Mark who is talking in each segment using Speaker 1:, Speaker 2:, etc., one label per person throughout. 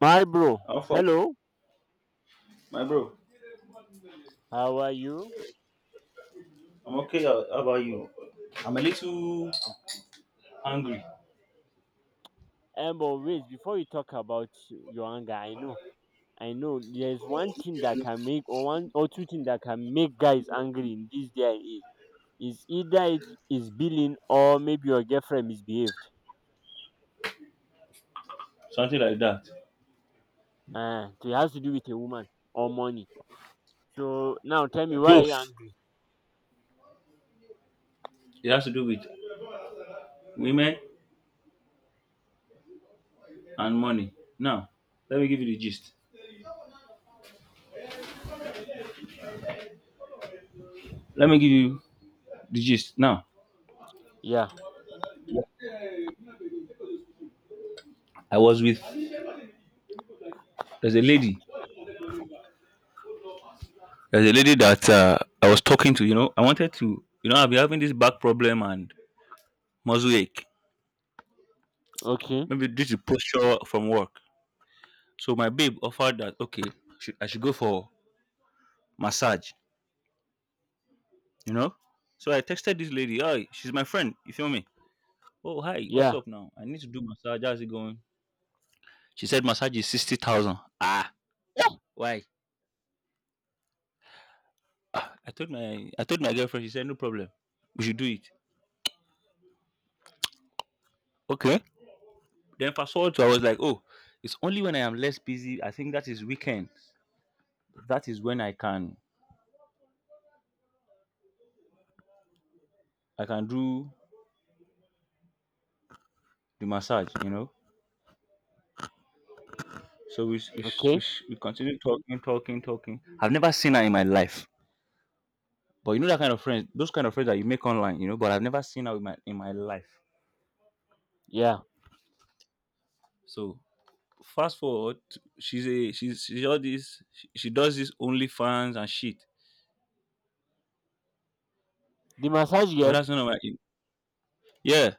Speaker 1: My bro,
Speaker 2: How far?
Speaker 1: hello,
Speaker 2: My bro,
Speaker 1: how are you?
Speaker 2: I'm okay. How about you? I'm a little angry,
Speaker 1: But wait, before you talk about your anger, I know, there's one thing that can make, or one or two things that can make guys angry in this day and age. Is either it is billing or maybe your girlfriend misbehaved.
Speaker 2: something like that.
Speaker 1: So it has to do with a woman or money. So now tell me, why are you
Speaker 2: Both.
Speaker 1: angry?
Speaker 2: It has to do with women and money. Now, let me give you the gist. Let me give you the gist. Now,
Speaker 1: Yeah,
Speaker 2: I was with there's a lady. There's a lady that I was talking to. I wanted to. I've been having this back problem and muscle ache.
Speaker 1: okay,
Speaker 2: Maybe due to posture from work. So my babe offered that okay, I should go for massage. you know. So I texted this lady, hi, she's my friend, you feel me? Oh hi, what's
Speaker 1: yeah,
Speaker 2: up now? I need to do massage, how's it going? She said massage is 60,000. Ah, why? I told my girlfriend, she said no problem. We should do it. Okay. Then fast forward to I was like, oh, it's only when I am less busy. I think that is weekend. That is when I can do the massage. So we s- we s- we,
Speaker 1: okay,
Speaker 2: s- we continue talking, talking, talking. I've never seen her in my life. But you know that kind of friends, those kind of friends that you make online. But I've never seen her in my life.
Speaker 1: yeah.
Speaker 2: So fast forward, she's a she's all this. She does this OnlyFans and shit.
Speaker 1: The massage
Speaker 2: But
Speaker 1: girl?
Speaker 2: that's none of my yeah.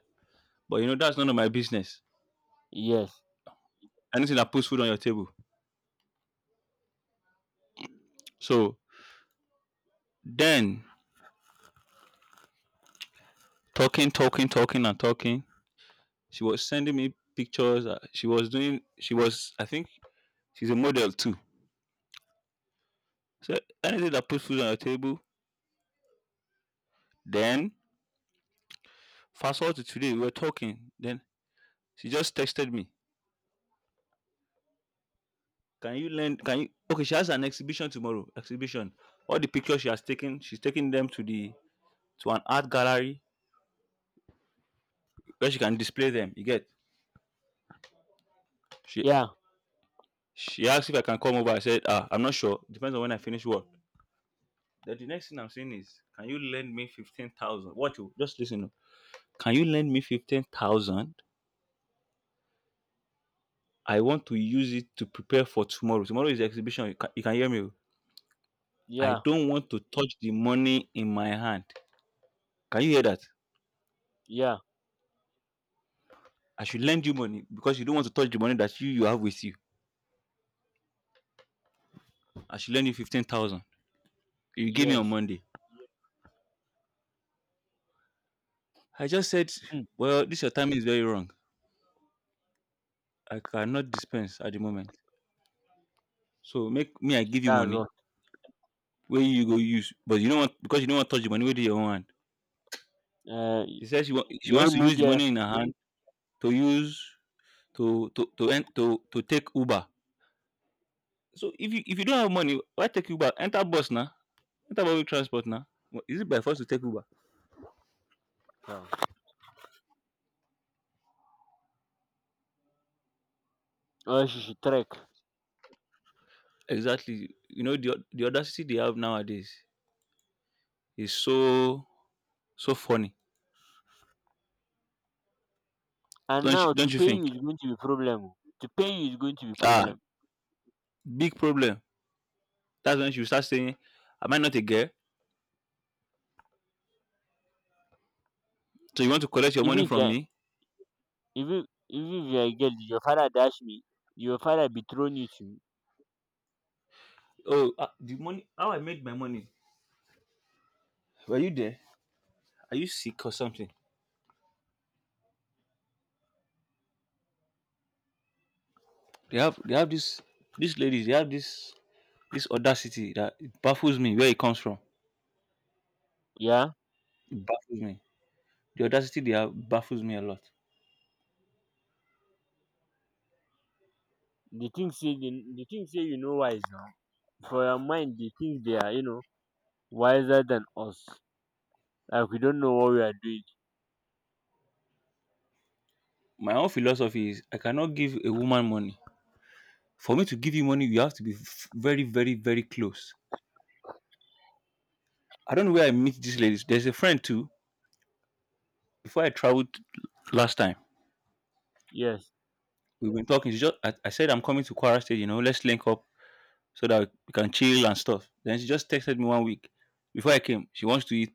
Speaker 2: But that's none of my business.
Speaker 1: Yes.
Speaker 2: Anything that puts food on your table. So then talking, talking, talking, and talking. She was sending me pictures. She was doing. She was. I think she's a model too. So anything that puts food on your table. Then fast forward to today, we were talking. Then she just texted me Can you lend? Can you? Okay, she has an exhibition tomorrow. Exhibition. All the pictures she has taken, she's taking them to the to an art gallery where she can display them. You get? She
Speaker 1: Yeah,
Speaker 2: she asked if I can come over. I said, ah, I'm not sure. Depends on when I finish work. Then the next thing I'm saying is, can you lend me 15,000? What you just listen. Oh. Can you lend me 15,000? I want to use it to prepare for tomorrow. Tomorrow is the exhibition. You can hear me. Oh. I
Speaker 1: yeah,
Speaker 2: don't want to touch the money in my hand. Can you hear that?
Speaker 1: yeah,
Speaker 2: I should lend you money because you don't want to touch the money that you have with you. I should lend you 15,000. You gave me on
Speaker 1: yes.
Speaker 2: Monday. I just said,
Speaker 1: Hmm.
Speaker 2: well, this your timing is very wrong. I cannot dispense at the moment. So make me, I give you
Speaker 1: That's
Speaker 2: money
Speaker 1: all.
Speaker 2: where you go use. But you don't want, because you don't want to touch the money with your own hand.
Speaker 1: Uh,
Speaker 2: She says she
Speaker 1: you
Speaker 2: wants
Speaker 1: wan
Speaker 2: to
Speaker 1: no
Speaker 2: use the
Speaker 1: get.
Speaker 2: money in her hand to use, to, en- to, to take Uber. So if you don't have money, why take Uber? Enter bus now. Enter public transport now. Is it by force to take Uber?
Speaker 1: Yeah. Or she should trek.
Speaker 2: Exactly. The audacity they have nowadays is so so funny.
Speaker 1: And
Speaker 2: Don't you,
Speaker 1: now to
Speaker 2: don't you
Speaker 1: pay you
Speaker 2: think?
Speaker 1: is going to be problem o, to pay you is going to be
Speaker 2: Ah,
Speaker 1: problem,
Speaker 2: big problem. That's when she will start saying, "Am I not a girl? So you want to collect your
Speaker 1: even
Speaker 2: money
Speaker 1: if you
Speaker 2: from
Speaker 1: are,
Speaker 2: me?
Speaker 1: even if you are a girl, your father dash me, your father dethrone you to me.
Speaker 2: Oh, the money. How I made my money? Were you there? Are you sick or something? They have this these ladies. They have this audacity that it baffles me where it comes from.
Speaker 1: Yeah,
Speaker 2: It baffles me. The audacity they have baffles me a lot.
Speaker 1: the thing say the, the thing say you know wise now, for your mind they think they are, you know, wiser than us, like we don't know what we are doing.
Speaker 2: My own philosophy is I cannot give a woman money. For me to give you money, you have to be very, very, very close. I don't know where I meet these ladies. There's a friend too. Before I traveled last time,
Speaker 1: Yes.
Speaker 2: we've been talking. I said I'm coming to Kwara State, let's link up so that we can chill and stuff. Then she just texted me one week before I came. She wants to eat.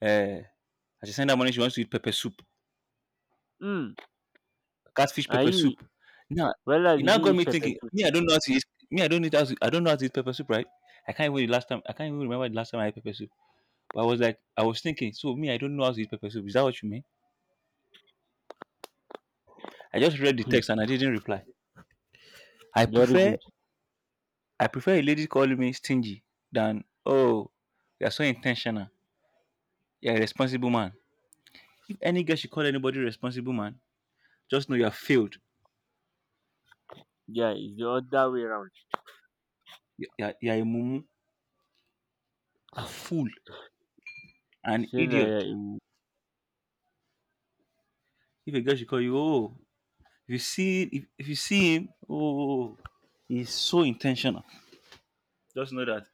Speaker 2: uh I just sent her money, she wants to eat pepper soup.
Speaker 1: Hmm.
Speaker 2: Catfish
Speaker 1: Are
Speaker 2: pepper
Speaker 1: you,
Speaker 2: soup. Now
Speaker 1: whether
Speaker 2: it
Speaker 1: did
Speaker 2: now
Speaker 1: you
Speaker 2: got
Speaker 1: eat
Speaker 2: me
Speaker 1: pepper
Speaker 2: thinking,
Speaker 1: soup?
Speaker 2: me, I don't know how to eat me, I don't need how to, I don't know how to eat pepper soup, right? I can't even the last time I can't even remember the last time I had pepper soup. But I was like, I was thinking, so me, I don't know how to eat pepper soup. Is that what you mean? I just read the
Speaker 1: Hmm.
Speaker 2: text and I didn't reply. I
Speaker 1: Very
Speaker 2: prefer
Speaker 1: good.
Speaker 2: I prefer a lady calling me stingy than, oh, you're so intentional. You're a responsible man. If any girl should call anybody responsible man, just know you have failed.
Speaker 1: Yeah, it's the other way around.
Speaker 2: You're a mumu, a fool, an
Speaker 1: Say na yeah
Speaker 2: idiot. If a girl should call you, oh, if you see him, oh, oh, oh, he's so intentional. Just know that.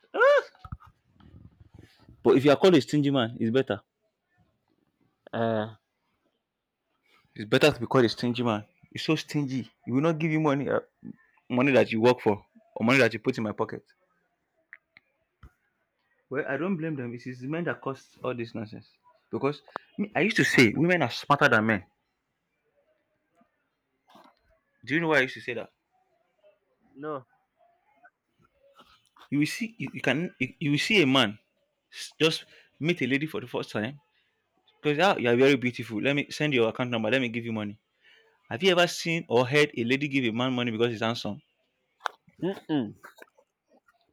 Speaker 2: But if you are called a stingy man, it's better.
Speaker 1: uh,
Speaker 2: It's better to be called a stingy man. It's so stingy. He will not give you money, money that you work for, or money that you put in my pocket. Well, I don't blame them. It is the men that caused all this nonsense. Because me, I used to say women are smarter than men. Do you know why I used to say that?
Speaker 1: no.
Speaker 2: You will see, you will see a man just meet a lady for the first time because you are very beautiful. Let me send your account number. Let me give you money. Have you ever seen or heard a lady give a man money because he's handsome?
Speaker 1: Mm.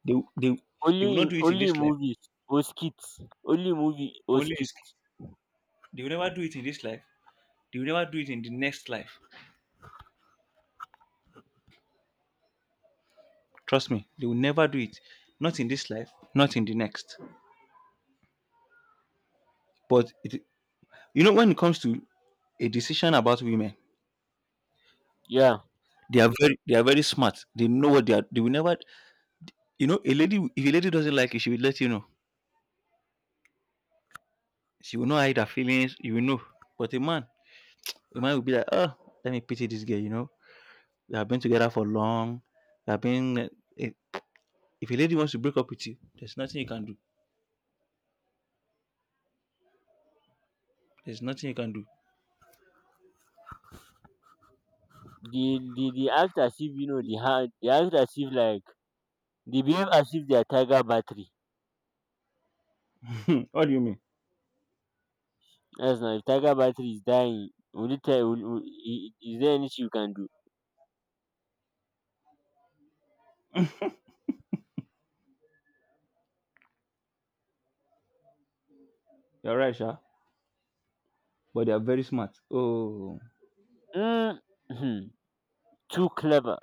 Speaker 2: They, will- they, will- they will
Speaker 1: Only
Speaker 2: not do
Speaker 1: in
Speaker 2: it in
Speaker 1: only in
Speaker 2: this life.
Speaker 1: movies or skits. Only movie or
Speaker 2: Only is
Speaker 1: skits.
Speaker 2: they will never do it in this life. They will never do it in the next life. Trust me, they will never do it. Not in this life, not in the next. But it, You know, when it comes to a decision about women,
Speaker 1: Yeah.
Speaker 2: they are very smart. They know what they are. They will never. You know, a lady if a lady doesn't like you, she will let you know. She will not hide her feelings. You will know. But a man, will be like, oh, let me pity this girl. We have been together for long. We have been. Eh, If a lady wants to break up with you, there's nothing you can do. There's nothing you can do.
Speaker 1: They act as if, you know, they act as if like they behave as if they are tiger battery.
Speaker 2: What do you mean?
Speaker 1: That's now, if tiger battery is dying, will it tell, will, is there anything you can do?
Speaker 2: You're right, Sha. But they are very smart. Oh,
Speaker 1: Mm, hmm, too clever.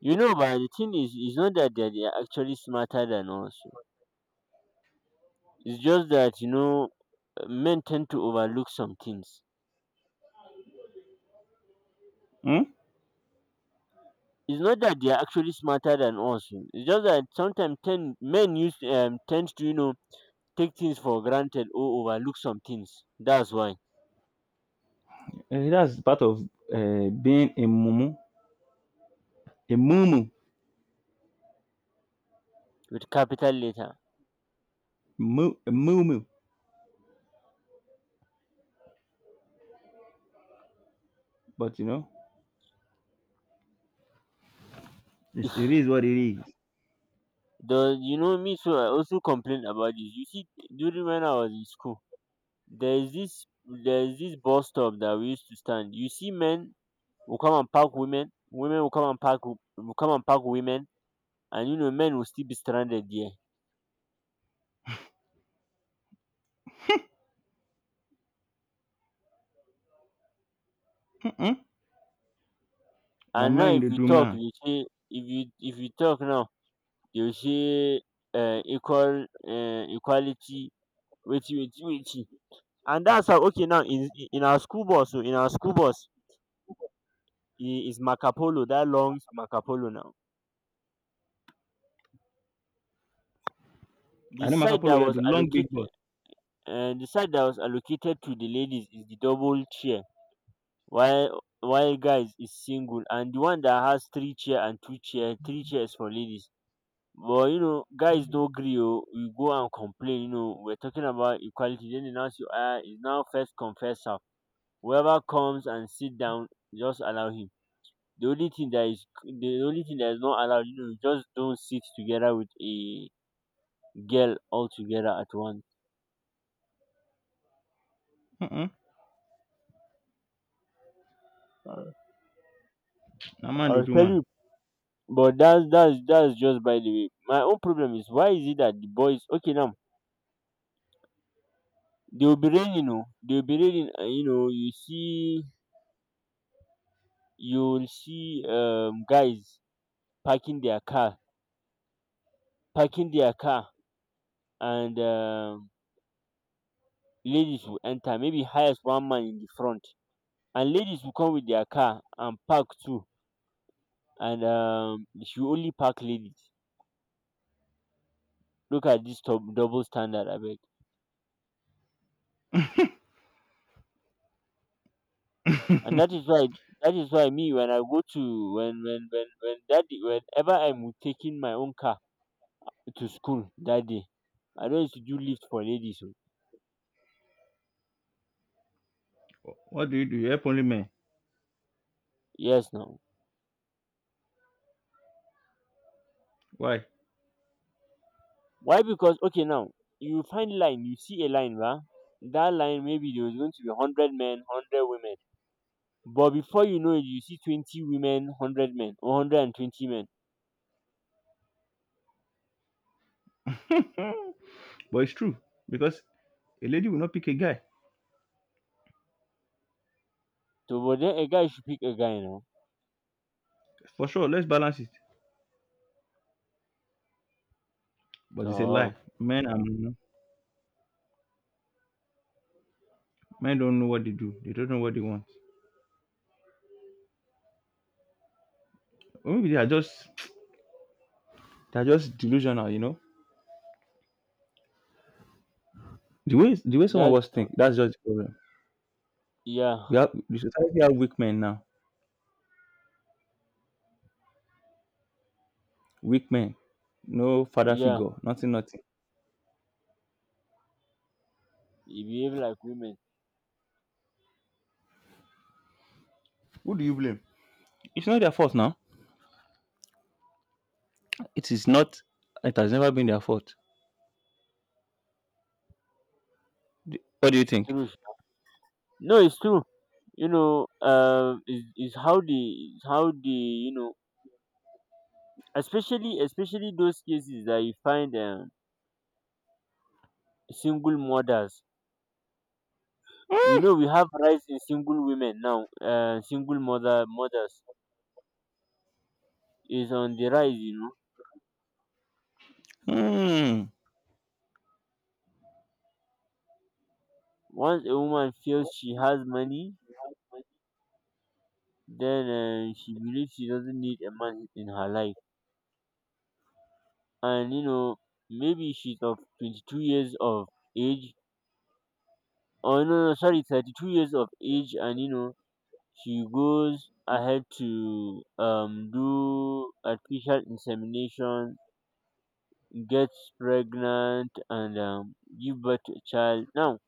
Speaker 1: You know, but the thing is, it's not that they are actually smarter than us. It's just that, you know, men tend to overlook some things.
Speaker 2: hmm?
Speaker 1: It's not that they are actually smarter than us. Oh, It's just that sometimes men use tend to, you know, take things for granted or overlook some things. That's why.
Speaker 2: Eh, that's part of being a mumu. A mumu.
Speaker 1: With capital letter.
Speaker 2: A mumu. But it is what it is.
Speaker 1: The, you know me, so I also complain about this. You see, during when I was in school, there is this there is this bus stop that we used to stand. You see, men will come and park women, women will come and park will come and park women, and you know men will still be stranded there.
Speaker 2: Mm-mm. Now
Speaker 1: And now
Speaker 2: man
Speaker 1: if
Speaker 2: they
Speaker 1: you
Speaker 2: do
Speaker 1: talk,
Speaker 2: man.
Speaker 1: they say, if you talk now. Dey say equal equality, wetin wetin wetin, and that's how, okay, now in our school bus o, in our school bus, e is marca polo, that long marca polo. Now
Speaker 2: I
Speaker 1: the
Speaker 2: know
Speaker 1: side that
Speaker 2: Makapolo, yeah, the
Speaker 1: was
Speaker 2: long big boss.
Speaker 1: allocated, the side that was allocated to the ladies is the double chair, while guys is single, and the one that has three chair and two chair, three chairs for ladies, but you know, guys no gree o, we go and complain, you know, we're talking about equality, then they now say, ah, it's now first come. Whoever comes and sit down, just allow him. The only thing that is the only thing that is not allowed, you know, just don't sit together with a girl all together at once.
Speaker 2: Mm-mm. Now man they
Speaker 1: I'll
Speaker 2: do
Speaker 1: tell
Speaker 2: man.
Speaker 1: you. But that's just by the way. My own problem is, why is it that the boys, okay now, they will be raining, you they will be raining. You know, you see, you'll see guys parking their car, parking their car, and ladies will enter. Maybe highest one man in the front, and ladies will come with their car and park too, and um, you should only park ladies. Look at this dub double standard, I beg. And that is why, me, when I go to, when that day, whenever I'm taking my own car to school that day, I don't used to do lift for ladies o.
Speaker 2: What do? You help only men.
Speaker 1: Yes now.
Speaker 2: Why?
Speaker 1: Why? Because, okay now, you find line, you see a line ba, that line, maybe there was going to be 100 men, 100 women but before you know it, you see 20 women, 100 men or 120 men
Speaker 2: But it's true because a lady will not pick a guy
Speaker 1: To, but then a guy should pick a guy now.
Speaker 2: for sure. Let's balance it. But it's a lie.
Speaker 1: To
Speaker 2: Men don't know what they do. They don't know what they want. Or maybe they are just delusional. You know the way some of
Speaker 1: that.
Speaker 2: us think. That's just the problem. We
Speaker 1: Yeah,
Speaker 2: have the society have weak men now. Weak men, no father
Speaker 1: yeah.
Speaker 2: figure, nothing, nothing.
Speaker 1: You behave like women.
Speaker 2: Who do you blame? It's not their fault now. It is not. It has never been their fault. What do you think?
Speaker 1: True. No, it's true. You know, is how the, is how the, you know, especially those cases that you find single mothers. You
Speaker 2: Hmm.
Speaker 1: know, we have rise in single women now. Single mother mothers is on the rise. You know,
Speaker 2: Hmm.
Speaker 1: once a woman feels she has money, then she believes she doesn't need a man in her life. And you know, maybe she's of 22 years of age, or no no sorry, 32 years of age, and you know, she goes ahead to do artificial insemination, gets pregnant, and give birth to a child. Now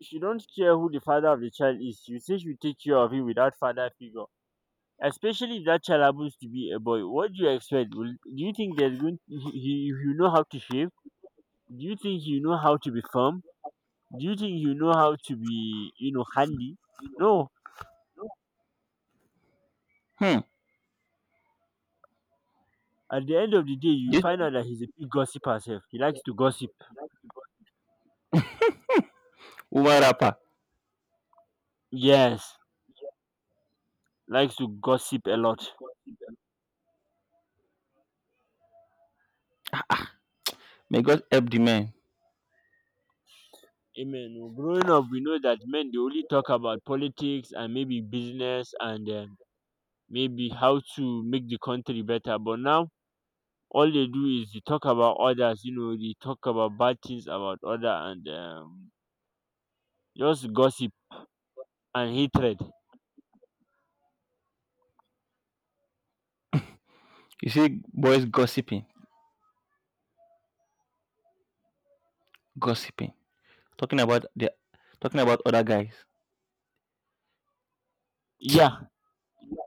Speaker 1: she don't care who the father of the child is. You say she will take care of him without father figure. Especially if that child happens to be a boy, what do you expect? Will, do you think there's going he know how to shave? Do you think you know how to be firm? Do you think you know how to be, you know, handy? No.
Speaker 2: Hmm.
Speaker 1: At the end of the day, you
Speaker 2: This
Speaker 1: find out that he's a big gossip herself. He likes to gossip.
Speaker 2: woman rapper.
Speaker 1: Yes, likes to gossip a lot.
Speaker 2: May God help the man.
Speaker 1: Amen oh. Growing up, we know that men, they only talk about politics and maybe business, and maybe how to make the country better. But now, all they do is they talk about others, you know, they talk about bad things about other, and just gossip and hatred.
Speaker 2: You see, boys gossiping, gossiping, talking about the, talking about other guys.
Speaker 1: Yeah,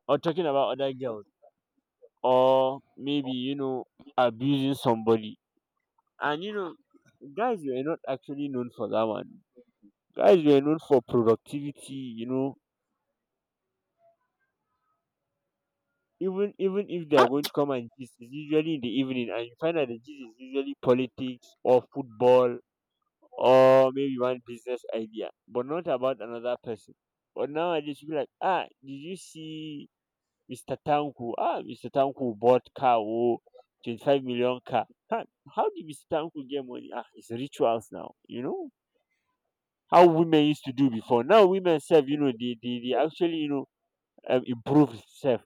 Speaker 1: or talking about other girls, or maybe, you know, abusing somebody. And you know, guys were not actually known for that one. Guys were known for productivity. You know, even if they are
Speaker 2: Ah,
Speaker 1: going to come and gist, it's usually in the evening, and you find that the gist is usually politics or football, or maybe one business idea, but not about another person. But nowadays you be like, ah, did you see Mr. Tanko? Ah, Mr. Tanko bought car, oh, 25 million car. Huh, how did Mr. Tanko get money? Ah, it's rituals now. You know, how women used to do before. Now women self, you know, they actually, you know, improve self.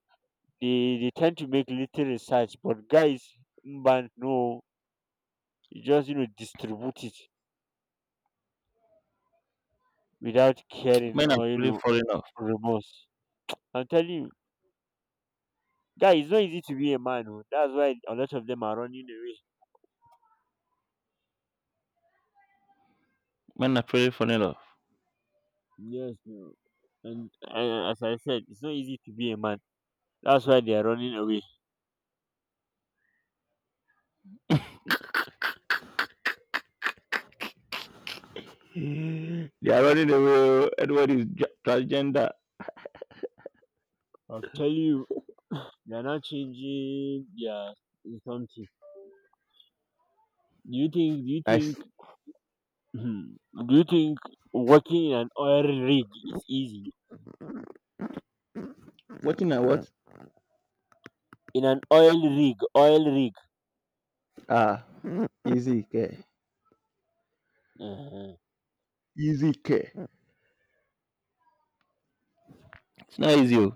Speaker 1: They tend to make little research, but guys, but no, you just, you know, distribute it without caring,
Speaker 2: men are
Speaker 1: or, you
Speaker 2: truly
Speaker 1: know,
Speaker 2: falling off.
Speaker 1: remorse. I'm telling you, guys, it's not easy to be a man. Oh. That's why a lot of them are running away.
Speaker 2: Men are truly falling off.
Speaker 1: Yes, no. And as I said, it's not easy to be a man. That's why they are running away.
Speaker 2: They are running away. Edward is transgender.
Speaker 1: I'll tell you, they are not changing their something. Do you think? Do you
Speaker 2: I
Speaker 1: think?
Speaker 2: s-
Speaker 1: Do you think working in an oil rig is easy?
Speaker 2: watching at what?
Speaker 1: In an oil rig, oil rig.
Speaker 2: Ah, easy care.
Speaker 1: uh
Speaker 2: Easy care. It's not easy. Oh.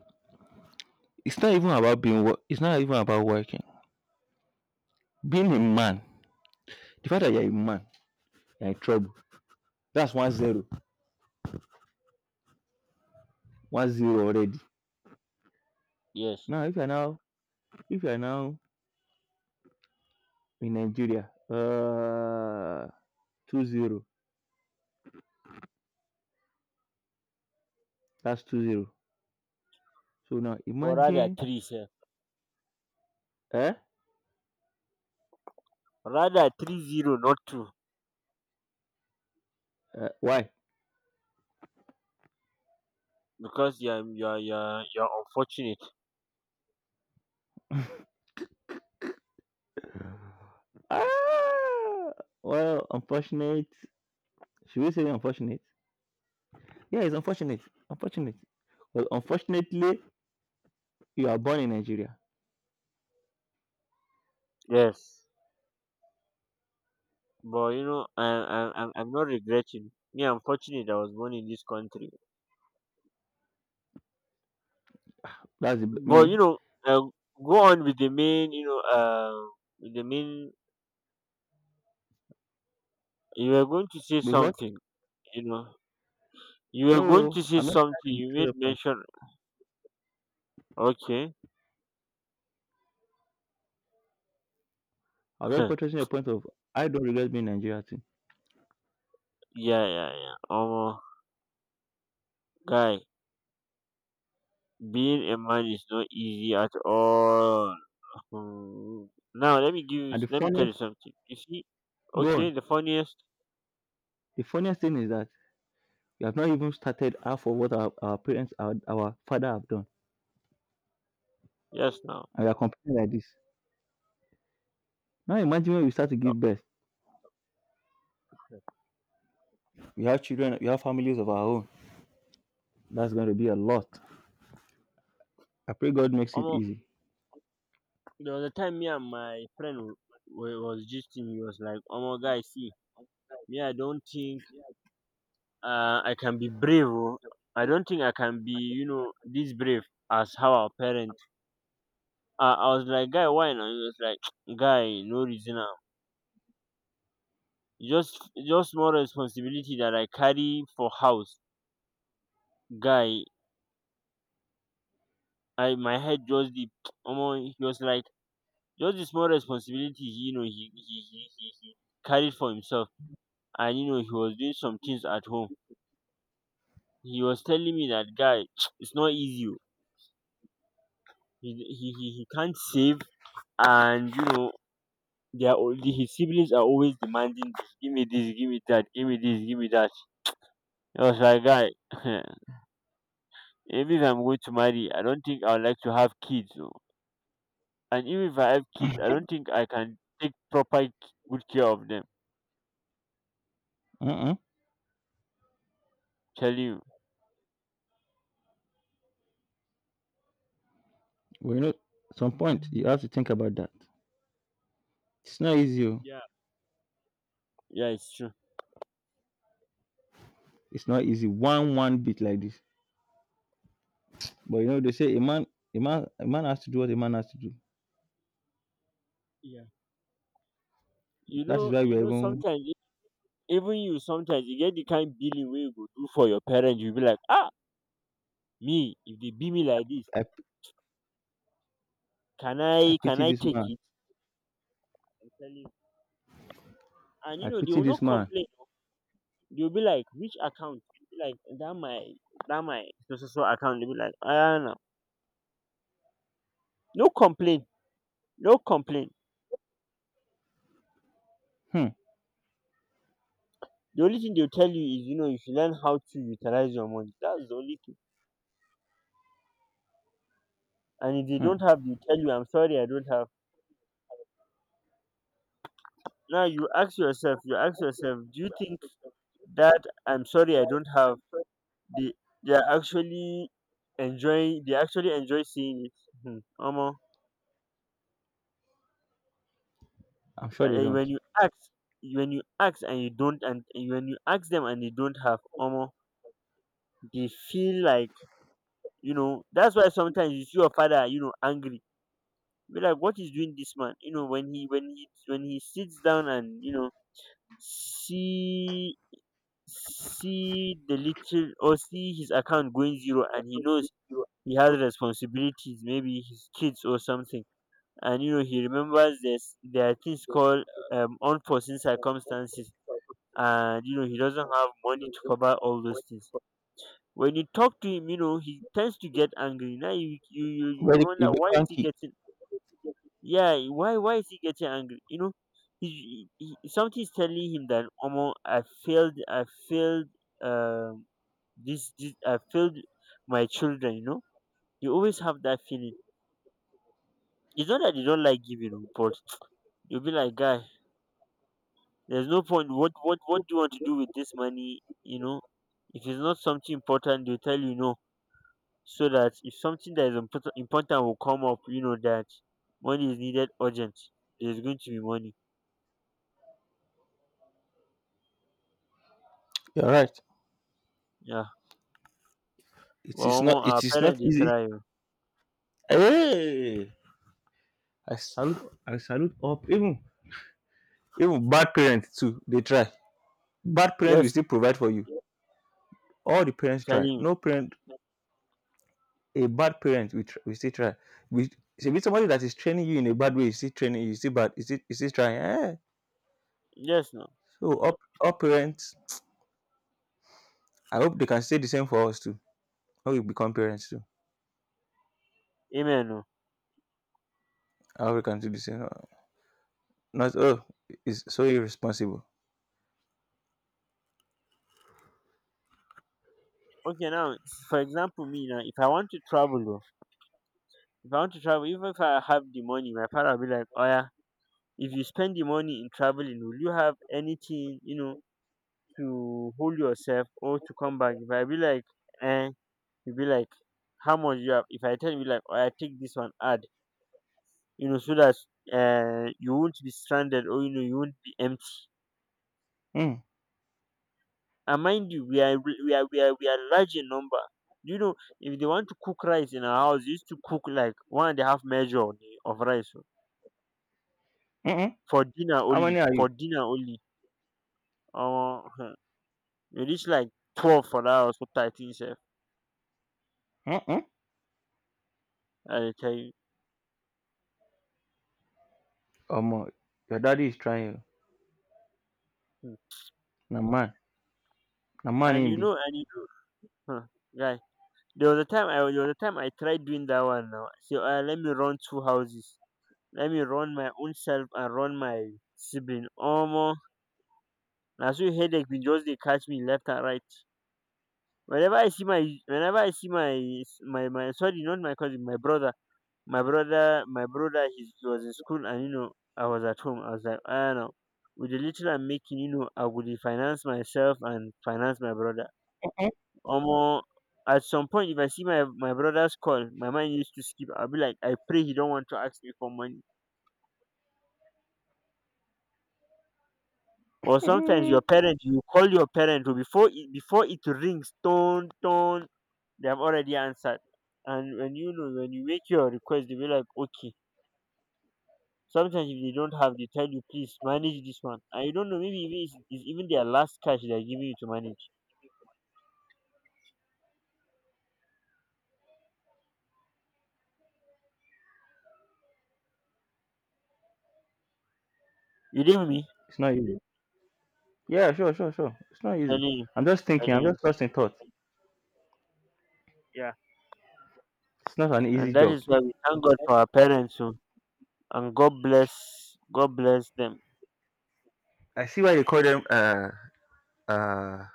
Speaker 2: It's not even about working. Being a man, the fact that you're a man, you're in trouble. That's 1-0. 1-0 already.
Speaker 1: Yes,
Speaker 2: Now if you're now if you're now in Nigeria, 2-0. That's 2-0. So now
Speaker 1: or rather
Speaker 2: imagine
Speaker 1: three, sir.
Speaker 2: eh?
Speaker 1: Rather 3-0, not two,
Speaker 2: Why?
Speaker 1: because you are unfortunate.
Speaker 2: Ah, well, unfortunate. Should we say unfortunate? Yeah, it's unfortunate. Unfortunate. Well, unfortunately, you are born in Nigeria.
Speaker 1: Yes. But you know, I'm not regretting. Me, I'm fortunate I was born in this country.
Speaker 2: That's the,
Speaker 1: But
Speaker 2: me.
Speaker 1: you know, uh, go on with the main. You know, with the main. You were going to say
Speaker 2: Because
Speaker 1: something. You know, you were going
Speaker 2: no,
Speaker 1: to say
Speaker 2: I'm not
Speaker 1: something.
Speaker 2: trying to
Speaker 1: You
Speaker 2: belittle the
Speaker 1: made
Speaker 2: point.
Speaker 1: mention. Okay.
Speaker 2: I was just
Speaker 1: Yeah,
Speaker 2: portraying a point of I don't regret being Nigeria team.
Speaker 1: yeah, yeah. Guy, being a man is not easy at all. Hmm. Now let me give you.
Speaker 2: And the
Speaker 1: Let me tell you
Speaker 2: funniest
Speaker 1: something. You see,
Speaker 2: go on.
Speaker 1: okay, the funniest.
Speaker 2: The funniest thing is that we have not even started half of what our parents, our father have done.
Speaker 1: Yes, now.
Speaker 2: And we are complaining like this. Now imagine when we start to give birth. We have children, we have families of our own. That's going to be a lot. I pray God makes it
Speaker 1: Um,
Speaker 2: easy.
Speaker 1: There was a time me and my friend was gisting. He was like, "Oh my guy, see, me, I don't think I can be brave. Oh. I don't think I can be, you know, this brave as how our parents." I was like, "Guy, why not?" He was like, "Guy, no reason now. Just, just more responsibility that I carry for house, guy. I my head just deep." Omo, he was like, just the small responsibility. You know, he carried for himself, and you know, he was doing some things at home. He was telling me that guy, it's not easy. Oh. He can't save, and you know, they are his siblings are always demanding this, give me that, give me this, give me that. I was like, guy, if I'm going to marry, I don't think I would like to have kids. Oh. And even if I have kids, I don't think I can take proper good care of them.
Speaker 2: Uh-uh.
Speaker 1: Tell you.
Speaker 2: Well, at some point, you have to think about that. It's not easy. Oh.
Speaker 1: Yeah. Yeah, it's true.
Speaker 2: It's not easy. One bit like this. But they say a man, a man, a man has to do what a man has to do.
Speaker 1: Yeah.
Speaker 2: That is why we are even,
Speaker 1: Sometimes even you, sometimes you get the kind billing where you go do for your parents, you'll be like, ah, me if they be me like this,
Speaker 2: I,
Speaker 1: can i
Speaker 2: I
Speaker 1: can
Speaker 2: pity
Speaker 1: i
Speaker 2: this
Speaker 1: take
Speaker 2: man.
Speaker 1: it? I tell you. And you
Speaker 2: I
Speaker 1: know they
Speaker 2: pity
Speaker 1: will
Speaker 2: this
Speaker 1: not
Speaker 2: man.
Speaker 1: complain, oh. They will be like, which account? They will be like, that my, that my so so so account. They will be like, ah, no, no complain, no complain.
Speaker 2: Hmm.
Speaker 1: The only thing they'll tell you is, you know, you should learn how to utilize your money. That's the only thing. And if they
Speaker 2: Hmm.
Speaker 1: don't have, they tell you, I'm sorry, I don't have. Now you ask yourself, you ask yourself, do you think that I'm sorry I don't have, they they are actually enjoying, they actually enjoy seeing it? Hmm, omo.
Speaker 2: I'm sure they don't.
Speaker 1: When you ask, when you ask and you don't and when you ask them and they don't have armor, they feel like, you know, that's why sometimes you see your father, you know, angry. Be like, what is doing this man? You know, when he sits down and, you know, see see the little, or see his account going zero, and he knows he has responsibilities, maybe his kids or something. And you know, he remembers this, there are things called unforeseen circumstances, and you know he doesn't have money to cover all those things. When you talk to him, you know he tends to get angry. Now you you
Speaker 2: Very, you'll
Speaker 1: wonder,
Speaker 2: be
Speaker 1: why is he
Speaker 2: cranky.
Speaker 1: getting, yeah, why is he getting angry? You know, something is telling him that, omo, I failed, I failed, um this I failed my children. You know, you always have that feeling. It's not that you don't like giving, oh, but you'll be like, guy, there's no point. What do you want to do with this money? You know, if it's not something important, they'll tell you no, so that if something that is important, important, will come up, you know, that money is needed urgent, there's going to be money.
Speaker 2: You're right.
Speaker 1: Yeah.
Speaker 2: It
Speaker 1: Well,
Speaker 2: is not.
Speaker 1: omo, our
Speaker 2: It is not
Speaker 1: parents, they
Speaker 2: easy.
Speaker 1: try, oh.
Speaker 2: Hey! I salute. I salute all. Even bad parents too. They try. Bad parents will
Speaker 1: Yes, no,
Speaker 2: still provide for you. All the parents
Speaker 1: telling
Speaker 2: try.
Speaker 1: you.
Speaker 2: No parent. A bad parent will still try. We so if it's somebody that is training you in a bad way. Is still training you. Is still bad. Is still trying. Eh.
Speaker 1: Yes, no.
Speaker 2: So all parents. I hope they can say the same for us too. How we become parents too.
Speaker 1: Amen. No.
Speaker 2: I hope we can do the same. Not oh, it's so irresponsible.
Speaker 1: Okay, now for example, me now, if I want to travel, oh, if I want to travel, even if I have the money, my father will be like, oh yeah, if you spend the money in traveling, will you have anything, you know, to hold yourself or to come back? If I be like, eh, you be like, how much you have? If I tell you like, oh, I take this one, add, you know, so that you won't be stranded, or you know you won't be empty.
Speaker 2: Mm.
Speaker 1: And mind you, we are large in number. You know, if they want to cook rice in our house, they used to cook like one and a half measure of rice, oh,
Speaker 2: Mm-mm.
Speaker 1: for dinner
Speaker 2: How
Speaker 1: only.
Speaker 2: many are you?
Speaker 1: For dinner only. Uh, you reach like 12 for that house, or 13, sef.
Speaker 2: Mm-mm.
Speaker 1: I tell you.
Speaker 2: Omo, your daddy is trying. Oh.
Speaker 1: Hmm.
Speaker 2: Na man, na man him be.
Speaker 1: And you know, huh, guy. There was a time I, there was a time I tried doing that one now. So let me run two houses. Let me run my own self and run my sibling. Omo, na so headache bin just dey catch me left and right. Whenever I see my whenever I see my my my sorry, not my cousin, my brother. My brother, he was in school, and you know, I was at home. I was like, ah, no. With the little I'm making, you know, I would finance myself and finance my brother. Omo, at some point, if I see my brother's call, my mind used to skip. I'll be like, I pray he don't want to ask me for money. Or sometimes
Speaker 2: Mm.
Speaker 1: your parent, you call your parent, who, before it rings tone tone, they have already answered. And when, you know, when you make your request, they be like, okay. Sometimes if they don't have, they tell you, please manage this one, and you don't know, maybe even it's even their last cash they're giving you to manage. You did me
Speaker 2: It's not easy. Yeah, sure, sure, sure. It's not easy.
Speaker 1: telling you,
Speaker 2: I'm just
Speaker 1: telling
Speaker 2: thinking. I'm
Speaker 1: you,
Speaker 2: just lost in thought.
Speaker 1: yeah.
Speaker 2: It's not an
Speaker 1: And
Speaker 2: easy
Speaker 1: that
Speaker 2: job.
Speaker 1: is why we thank God for our parents, oh, and God bless them.
Speaker 2: I see why they call them uh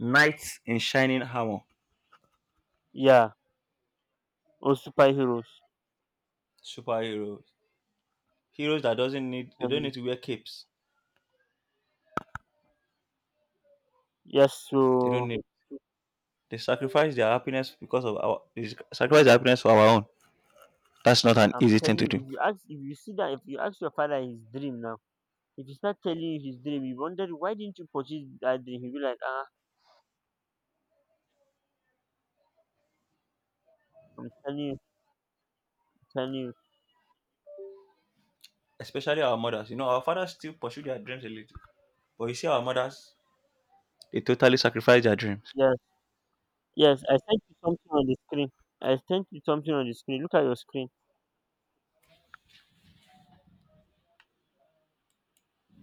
Speaker 2: knights in shining armor,
Speaker 1: Yeah. Or superheroes.
Speaker 2: superheroes, heroes that doesn't need they don't
Speaker 1: um,
Speaker 2: need to wear capes.
Speaker 1: yes
Speaker 2: They don't
Speaker 1: so.
Speaker 2: need. They sacrifice their happiness because of our. They sacrifice their happiness for our own. That's not an
Speaker 1: I'm
Speaker 2: easy thing
Speaker 1: telling
Speaker 2: to do.
Speaker 1: you, if you ask, if you see that, if you ask your father his dream now, if he start telling you his dream, you wonder, why didn't you purchase that dream? He'll be like, ah, I'm telling you, I'm telling you.
Speaker 2: Especially our mothers. Our fathers still pursue their dreams a little, but you see, our mothers they totally sacrifice their dreams.
Speaker 1: Yes, yes. I sent you something on the screen. Look at your screen.